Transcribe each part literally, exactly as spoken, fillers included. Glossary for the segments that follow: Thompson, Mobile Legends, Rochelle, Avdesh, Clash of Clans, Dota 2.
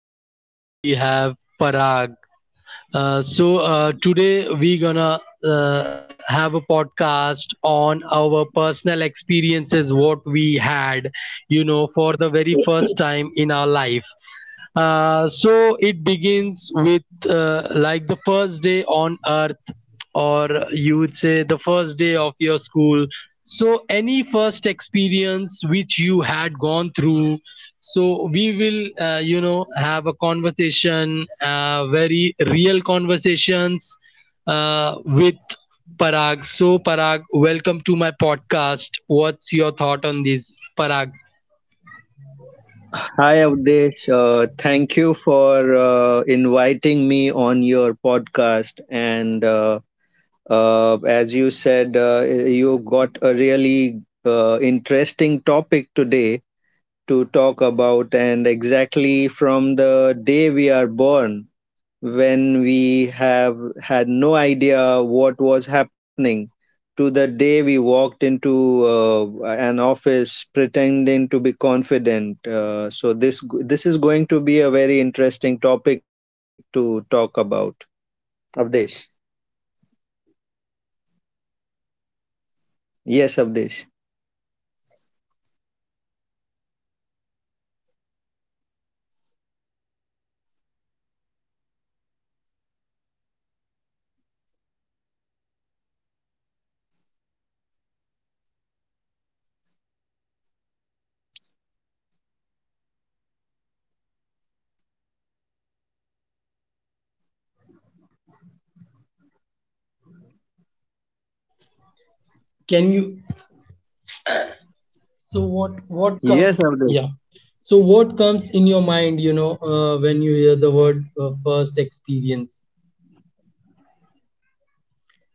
With me today we have Parag. Uh, so uh, today we gonna uh, have a podcast on our personal experiences, what we had, you know, for Hi, the very first time in our life. Uh, so it begins with uh, like the first day on earth, or you would say the first day of your school. So any first experience which you had gone through. So we will, uh, you know, have a conversation, uh, very real conversations uh, with Parag. So Parag, welcome to my podcast. What's your thought on this, Parag? Avdesh. Uh, thank you for uh, inviting me on your podcast. And uh, uh, as you said, uh, you got a really uh, interesting topic today to talk about, and exactly from the day we are born, when we have had no idea what was happening, to the day we walked into uh, an office pretending to be confident. Uh, so this this is going to be a very interesting topic to talk about, avdesh. Uh, yes Yes, avdesh Parag, uh, exactly. So, um, yeah. So, uh, Parag, uh, what what comes in your mind for the very first time? You know, when you hear the first experience, uh, wh- what what you exactly? What word comes to your mind, or you know, what things come to your mind very first when you hear first experience? Can you so what what comes yes yeah, Avdesh. so what comes in your mind, you know, uh, when you hear the word uh, first experience.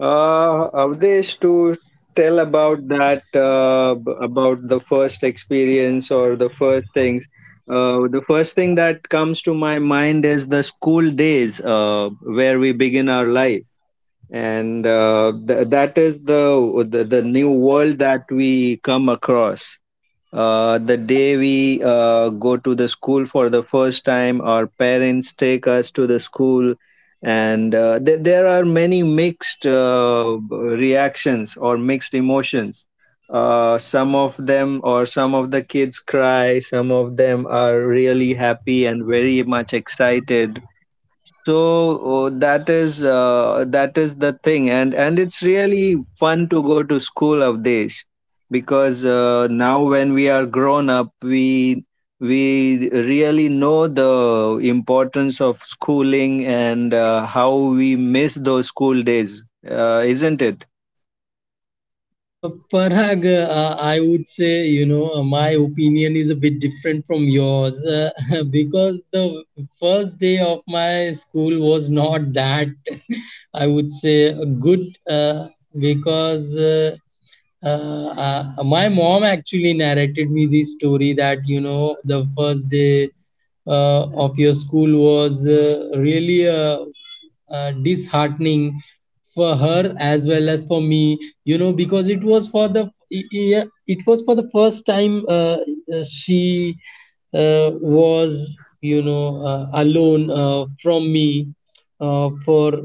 Uh, Avdesh, to tell about that, uh, b- about the first experience or the first things. Uh, the first thing that comes to my mind is the school days, uh, where we begin our life, and uh, th- that is the, the the new world that we come across. Uh, the day we uh, go to the school for the first time, our parents take us to the school, and uh, th- there are many mixed uh, reactions or mixed emotions. Uh, some of them, or some of the kids cry, some of them are really happy and very much excited. So oh, that is uh, that is the thing, and and it's really fun to go to school of days, because uh, now when we are grown up, we we really know the importance of schooling, and uh, how we miss those school days, uh, isn't it? uh, Parag, uh, I would say, you know, uh, my opinion is a bit different from yours, uh, because the first day of my school was not that, I would say, uh, good, uh, because uh, uh, uh, my mom actually narrated me this story that, you know, the first day uh, of your school was uh, really uh, uh, disheartening for her as well as for me, you know, because it was for the yeah, it was for the first time. Uh, uh, she uh, was, you know, uh, alone uh, from me, uh, for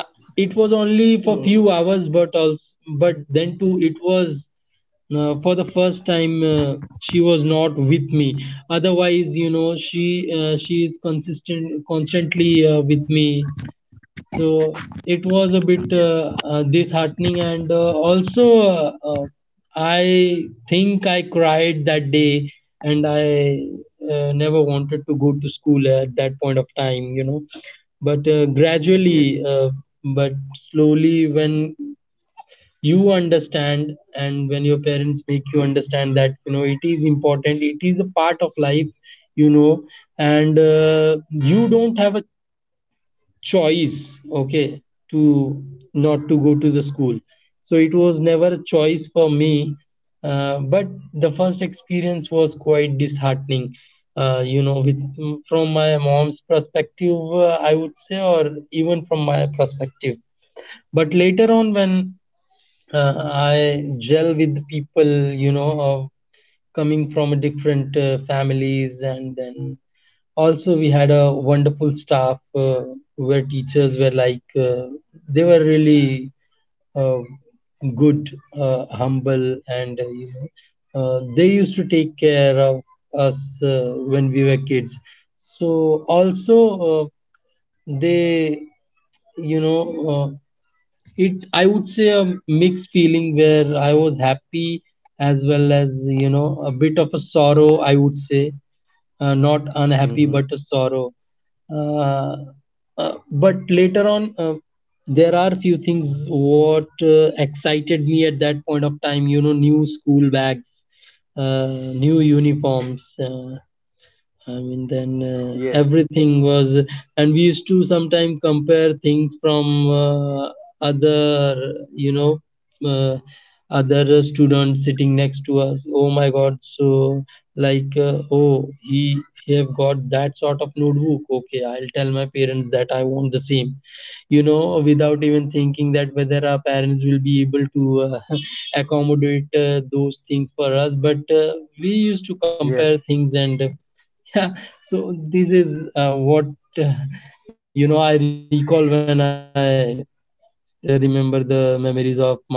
uh, it was only for few hours, but also, but then too, it was, uh, for the first time, uh, she was not with me. Otherwise, you know, she uh, she is consistent constantly uh, with me. So it was a bit uh, uh, disheartening, and uh, also uh, uh, I think I cried that day, and i uh, never wanted to go to school at that point of time, you know. But uh, Yes. gradually uh, but slowly when you understand and when your parents make you understand that, you know, it is important, it is a part of life, you know, and uh, you don't have a choice, okay, to not to go to the school. So it was never a choice for me. Uh, but the first experience was quite disheartening, uh, you know, with, mm, from my mom's perspective, uh, I would say, or even from my perspective. But later on, when uh, I gel with people, you know, uh, coming from a different uh, families, and then also we had a wonderful staff, uh, where teachers were like, uh, they were really uh, good, uh, humble, and, uh, you know, uh, they used to take care of us uh, when we were kids. So also, uh, they you know uh, it, I would say, a mixed feeling where I was happy as well as, you know, a bit of a sorrow, I would say, uh, not Mm-hmm. unhappy but a sorrow. Uh, uh, but later on uh, There are few things what uh, excited me at that point of time, you know: new school bags, uh, new uniforms, uh, I mean, then Yes. uh, everything was, and we used to sometimes compare things from, uh, other, you know, uh, other students sitting next to us. Oh my God! So like, uh, oh, he he have got that sort of notebook. Okay, I'll tell my parents that I want the same. You know, without even thinking that whether our parents will be able to uh, accommodate uh, those things for us. But uh, we used to Yes. compare things, and uh, yeah. So this is uh, what uh, you know, I recall when i uh, remember the memories of my school days.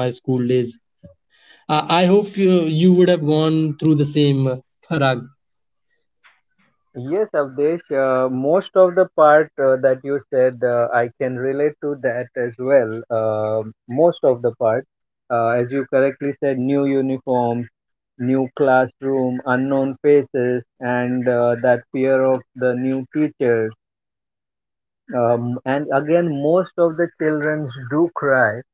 i, I hope you, you would have gone through the same, uh, Parag. Yes, Avdesh, uh, most of the part uh, that you said, uh, I can relate to that as well. Um, most of the part, uh, as you correctly said, new uniforms, new classroom, unknown faces, and uh, that fear of the new teachers. Um, and again, most of the children do cry.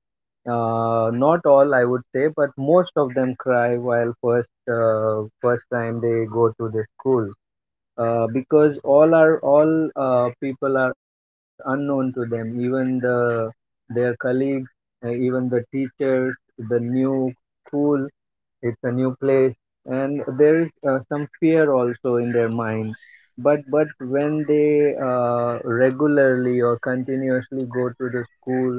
Uh, not all, I would say, but most of them cry while first uh, first time they go to the school, uh, because all are all uh, people are unknown to them, even the their colleagues, uh, even the teachers, the new school, it's a new place, and there is uh, some fear also in their mind. But but when they uh, regularly or continuously go to the school,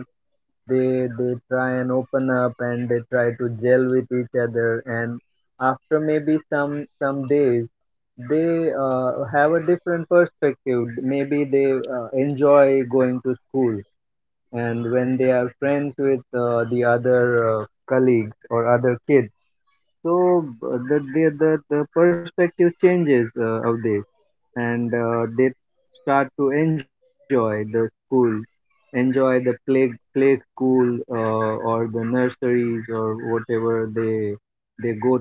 they they try and open up, and they try to gel with each other, and after maybe some some days they uh, have a different perspective. Maybe they uh, enjoy going to school, and when they are friends with uh, the other uh, colleagues or other kids. So uh, the, the the the perspective changes uh, of this, and uh, they start to enjoy the school, enjoy the play play school, uh, or the nurseries, or whatever they they go to.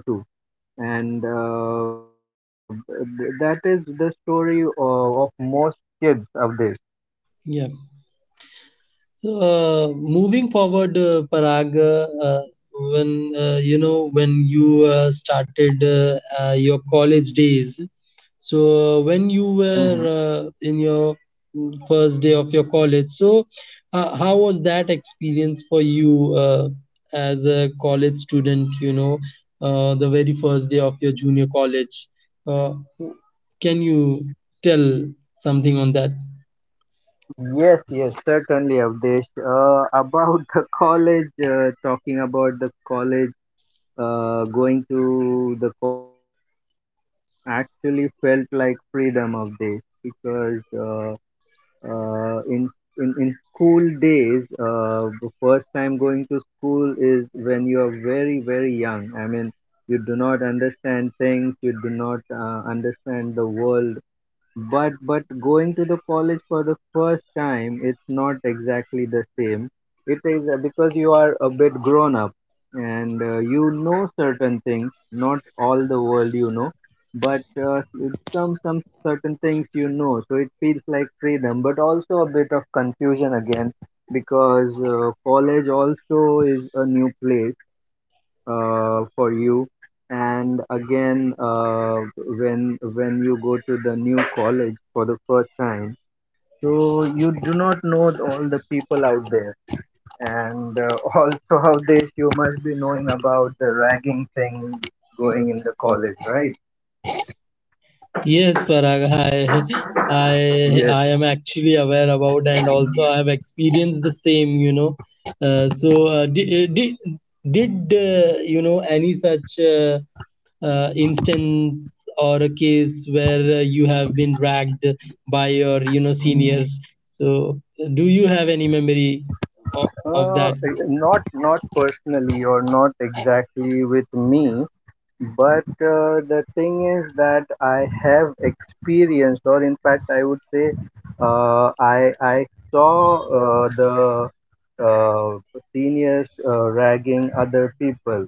And uh, th- that is the story of, of most kids of this. Yeah, so uh, moving forward, Hmm. so, uh, how was that experience for you uh, as a college student? You know, uh, the very first day of your junior college. Uh, can you tell something on that? Yes, yes, certainly, Avdesh. Uh, about the college, uh, talking about the college uh, going to the college for the first time actually felt like freedom of days, because uh, uh, in, in in school days, uh, the first time going to school is when you are very very young. I mean, you do not understand things, you do not uh, understand the world. But but going to the college for the first time, it's not exactly the same. It is uh, because you are a bit grown up, and uh, you know certain things, not all the world, you know, but uh, s- some some certain things you know. So it feels like freedom, but also a bit of confusion again, because uh, college also is a new place uh, for you. And again, uh, when when you go to the new college for the first time, so you do not know all the people out there. And uh, also how this, you must be knowing about the ragging thing going in the college, right? Yes, Parag, I, I, I Yes. am actually aware about, and also I have experienced the same. You know, uh, so uh, did did did uh, you know any such? Uh, uh, instance or a case where uh, you have been ragged by your, you know, seniors. So do you have any memory of, of uh, that? Not not personally, or not exactly with me. But uh, the thing is that I have experienced, or in fact, I would say, uh, I I saw uh, the uh, seniors uh, ragging other people,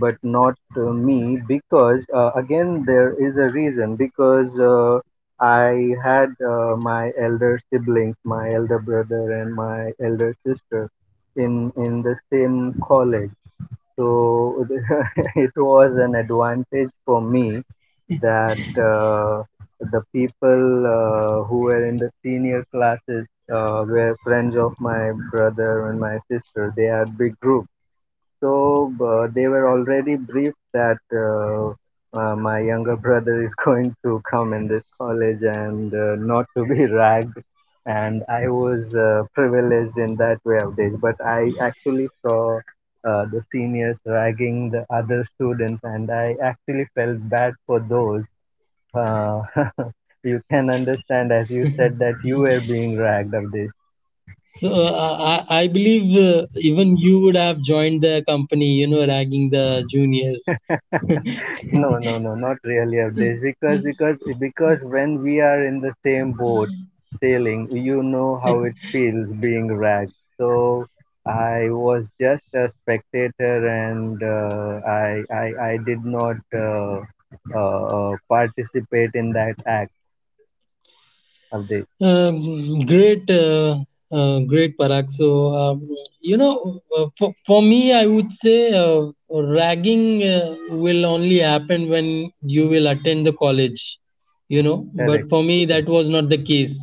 but not uh, me. Because uh, again, there is a reason, because uh, I had uh, my elder siblings, my elder brother and my elder sister, in in the same college. So it was an advantage for me that uh, the people uh, who were in the senior classes uh, were friends of my brother and my sister. They had big groups. So uh, they were already briefed that uh, uh, my younger brother is going to come in this college and uh, not to be ragged. And I was uh, privileged in that way of days, but I actually saw uh, the seniors ragging the other students, and I actually felt bad for those. Uh, you can understand, as you said, that you were being ragged of this. So uh, i i believe uh, even you would have joined the company, you know, ragging the juniors. No, no, no, not really updates. Because because because when we are in the same boat sailing, you know how it feels being ragged. So I was just a spectator, and uh, I, I I did not uh, uh, uh, participate in that act of the. Um, great, uh, uh, great, Parag. So, um, you know, uh, for, for me, I would say uh, ragging uh, will only happen when you will attend the college, you know, Correct. but for me, that was not the case.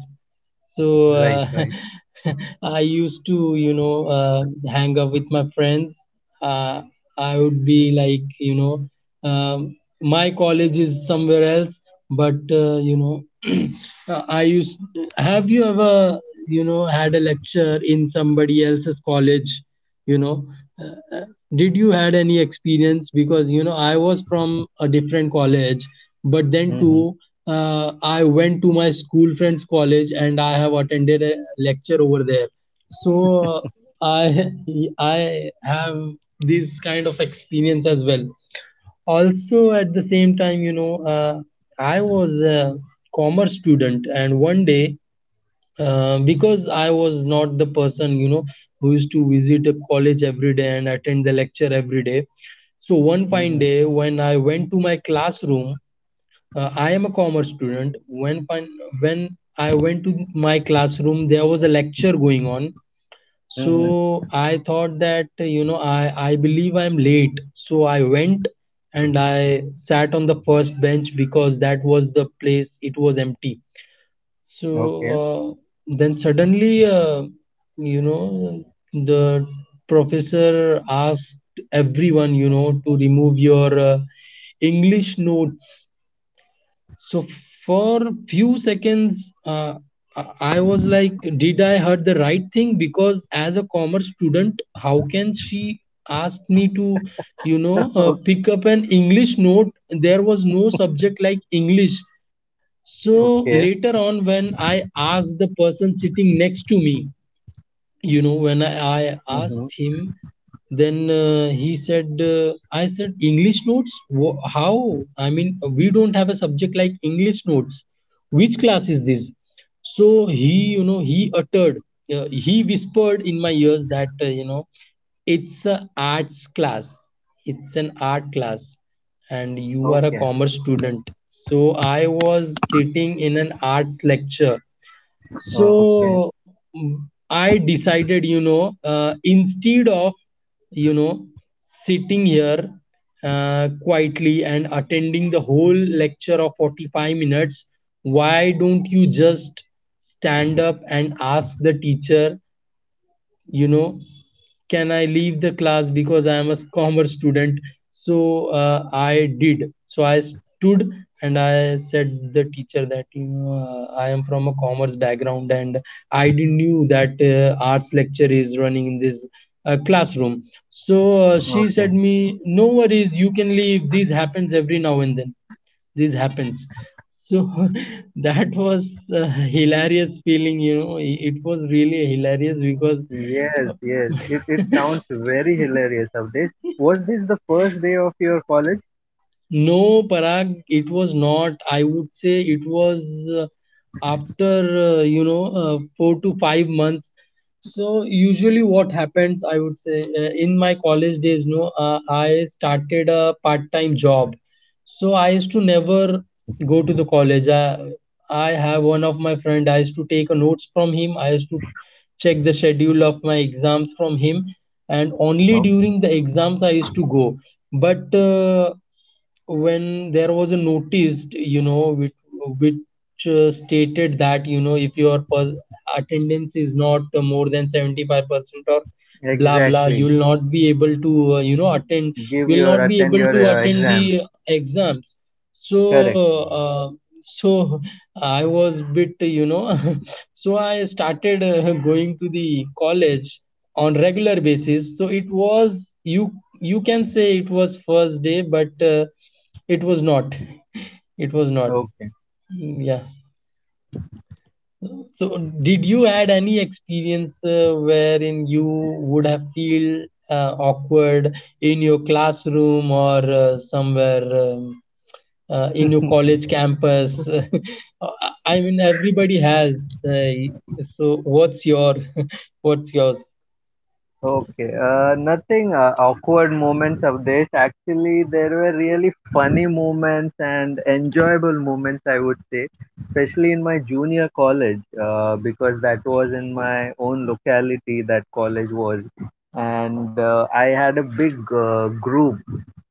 So Right, uh, right. I used to, you know, uh, hang out with my friends. Uh, I would be like, you know, um, my college is somewhere else, but, uh, you know, uh, I used. Have you ever, you know, had a lecture in somebody else's college? You know, uh, uh, did you had any experience? Because, you know, I was from a different college, but then Mm-hmm. too, uh, I went to my school friend's college and I have attended a lecture over there. So uh, I I have this kind of experience as well. Also, at the same time, you know, uh, I was a commerce student, and one day, uh, because I was not the person, you know, who used to visit a college every day and attend the lecture every day. So one mm-hmm, fine day, when I went to my classroom, uh, I am a commerce student. When fin- when I went to my classroom, there was a lecture going on. mm-hmm. So I thought that, you know, I I believe I'm late. So I went and I sat on the first bench because that was the place. It was empty. So Okay. uh, then suddenly uh, you know the professor asked everyone, you know, to remove your uh, English notes. So for few seconds, uh, I I was like, did I heard the right thing? Because as a commerce student, how can she ask me to, you know, uh, Okay. pick up an English note? There was no subject like English. So Okay. later on, when I asked the person sitting next to me, you know, when I asked Mm-hmm. him, then uh, he said, uh, I said English notes. Wha, how, I mean, we don't have a subject like English notes. Which class is this? So he, you know, he uttered, uh, he whispered in my ears that, uh, you know, it's a arts class it's an art class, and you are a Okay. commerce student. So I was sitting in an arts lecture. So, Okay. mm, I decided, you know, uh, instead of, you know, sitting here uh, quietly and attending the whole lecture of forty-five minutes, why don't you just stand up and ask the teacher, you know, can I leave the class because I am a commerce student. So uh, I did. So I stood and I said the teacher that, you know, uh, I am from a commerce background and I didn't knew that uh, arts lecture is running in this uh, classroom. So uh, she said Okay. me no worries, you can leave, this happens every now and then, this happens. So that was a hilarious feeling, you know, it was really hilarious because... Yes, yes. It, it sounds very hilarious, Avdesh. Was this the first day of your college? No, Parag, it was not. I would say it was uh, after, uh, you know, uh, four to five months. So usually what happens, I would say, uh, in my college days, no, uh, I started a part-time job. So I used to never go to the college. I, I have one of my friend, I used to take a notes from him. I used to check the schedule of my exams from him. And only No. during the exams, I used to go. But uh, when there was a notice, you know, which, which uh, stated that, you know, if your per- attendance is not uh, more than seventy-five percent or blah blah, you Exactly. will not be able to uh, you know attend, you Give will your not be attend able to your uh, attend exams. the exams. Correct. So uh, so I was bit, you know, so I started uh, going to the college on regular basis. So it was, you you can say it was first day, but uh, it was not it was not... Okay. Mm, yeah, so did you had any experience uh, wherein you would have feel uh, awkward in your classroom or uh, somewhere, um, uh, in your college campus? Uh, I mean everybody has, uh, so what's your what's yours? Okay, uh, nothing uh, awkward moments of this. Actually, there were really funny moments and enjoyable moments, I would say, especially in my junior college, uh, because that was in my own locality that college was. And uh, I had a big uh, group,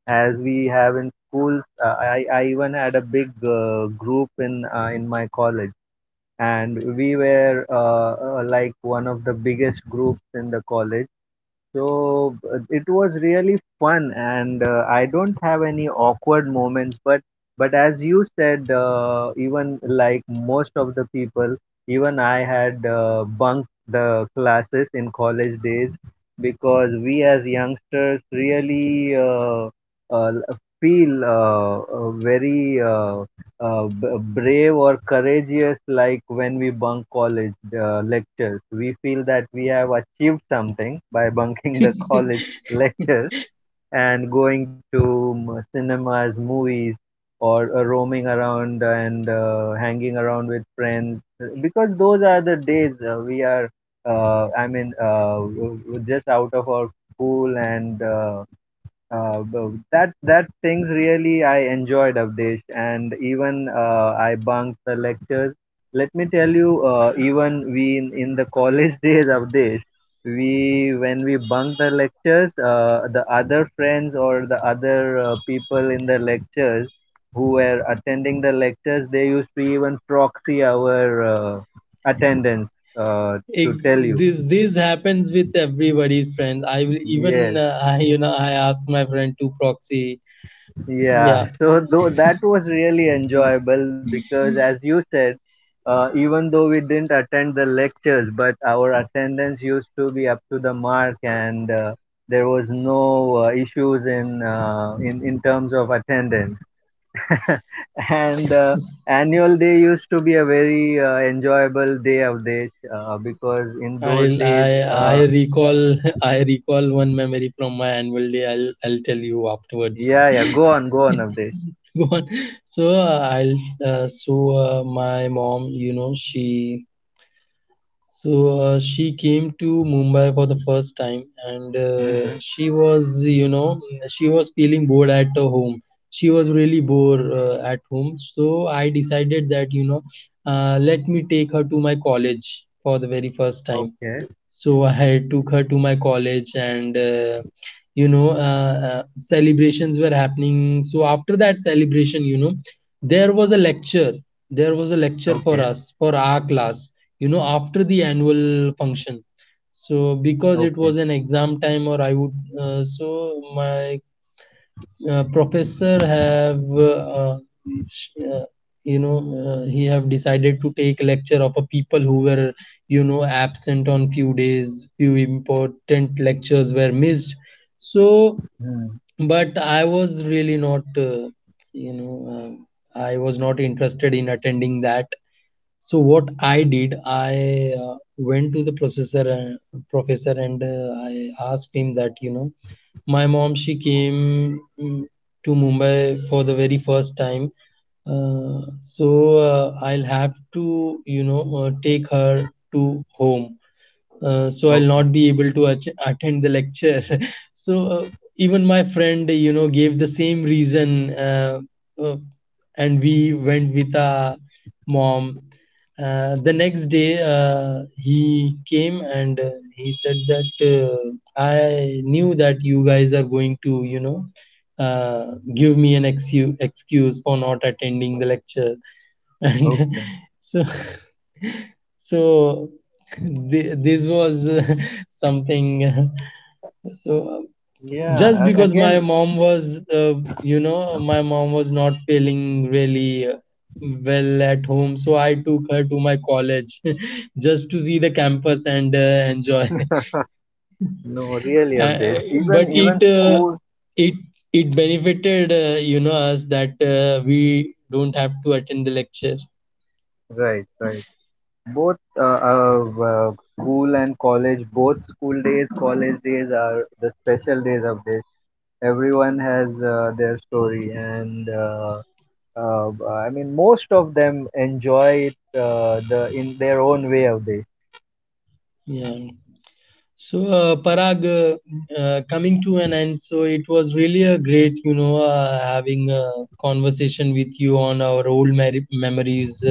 as we have in schools. Uh, I, I even had a big uh, group in, uh, in my college. And we were uh, uh, like one of the biggest groups in the college. So uh, it was really fun, and uh, I don't have any awkward moments. But but as you said, uh, even like most of the people, even I had uh, bunked the classes in college days, because we, as youngsters, really uh, uh, feel uh, uh, very uh, uh, b- brave or courageous. Like when we bunk college uh, lectures, we feel that we have achieved something by bunking the college lectures, and going to m- cinemas, movies, or uh, roaming around, and uh, hanging around with friends. Because those are the days uh, we are uh, i mean uh, w- w- just out of our school, and uh, uh, but that that things really I enjoyed, Abdesh, and even uh, I bunked the lectures. Let me tell you, uh, even we, in, in the college days, Abdesh, we when we bunked the lectures, uh, the other friends or the other uh, people in the lectures who were attending the lectures, they used to even proxy our uh, attendance, uh, Ex, to tell you. this this happens with everybody's friend. I will even, Yes. uh, I, you know, I ask my friend to proxy. Yeah, Yeah, so though that was really enjoyable, because, as you said, uh, even though we didn't attend the lectures, but our attendance used to be up to the mark, and uh, there was no uh, issues in uh, in in terms of attendance. And uh, annual day used to be a very uh, enjoyable day of days, uh, because in I'll those days, I I uh, recall I recall one memory from my annual day. I'll I'll tell you afterwards. yeah, yeah, go on, go on, Avdesh. Go on. So uh, I'll uh, so uh, my mom, you know, she So uh, she came to Mumbai for the first time, and uh, Hmm. she was, you know, she was feeling bored at her home. She was really bored uh, at home. So I decided that, you know, uh, let me take her to my college for the very first time. Okay, So I took her to my college, and uh, you know uh, uh, celebrations were happening. So after that celebration, you know, there was a lecture. There was a lecture for okay, us for our class. You know, after the annual function. So because it okay. was an exam time, or I would, uh, so my uh, professor have, uh, uh, you know, uh, he have decided to take lecture of a people who were, you know, absent on few days, few important lectures were missed. So, Hmm. but I was really not, uh, you know uh, I was not interested in attending that. So what I did, i uh, went to the professor, uh, professor, and uh, I asked him that, you know, my mom, she came, mm, to Mumbai for the very first time. Uh, so uh, I'll have to, you know, uh, take her to home, uh, so I'll Okay. not be able to ach- attend the lecture. So uh, even my friend, you know, gave the same reason, uh, uh, and we went with our mom. Uh, the next day, uh, he came and uh, he said that, uh, I knew that you guys are going to, you know, uh, give me an excuse excuse for not attending the lecture, and Okay. so, so, thi- this was something, uh, so just Yeah. a- because my Again, mom was, uh, you know, my mom was not feeling really uh, well at home, so I took her to my college just to see the campus and uh, enjoy. no, really of uh, this. but Even it even uh, school. it it benefited, uh, you know, us, that uh, we don't have to attend the lecture. Right. Right. Both uh, uh, uh, school and college. Both school days, college days are the special days of this. Everyone has uh, their story, and uh, uh, I mean, most of them enjoy it, uh, the in their own way of this. Yeah. So, uh, Parag, uh, uh, coming to an end, so it was really a great, you know, uh, having a conversation with you on our old mer- memories, uh,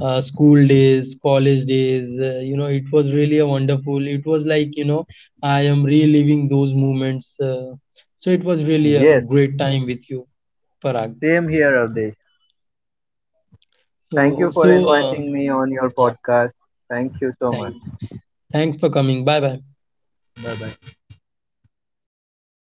uh, school days, college days. Uh, you know, it was really a wonderful. It was like, you know, I am reliving those moments. Uh, so it was really a Yes. great time with you, Parag. Same here of this. Thank you So, for so uh, inviting me on your yeah, podcast. Thank you so much. thanks. Thanks for coming. Bye bye. Bye bye.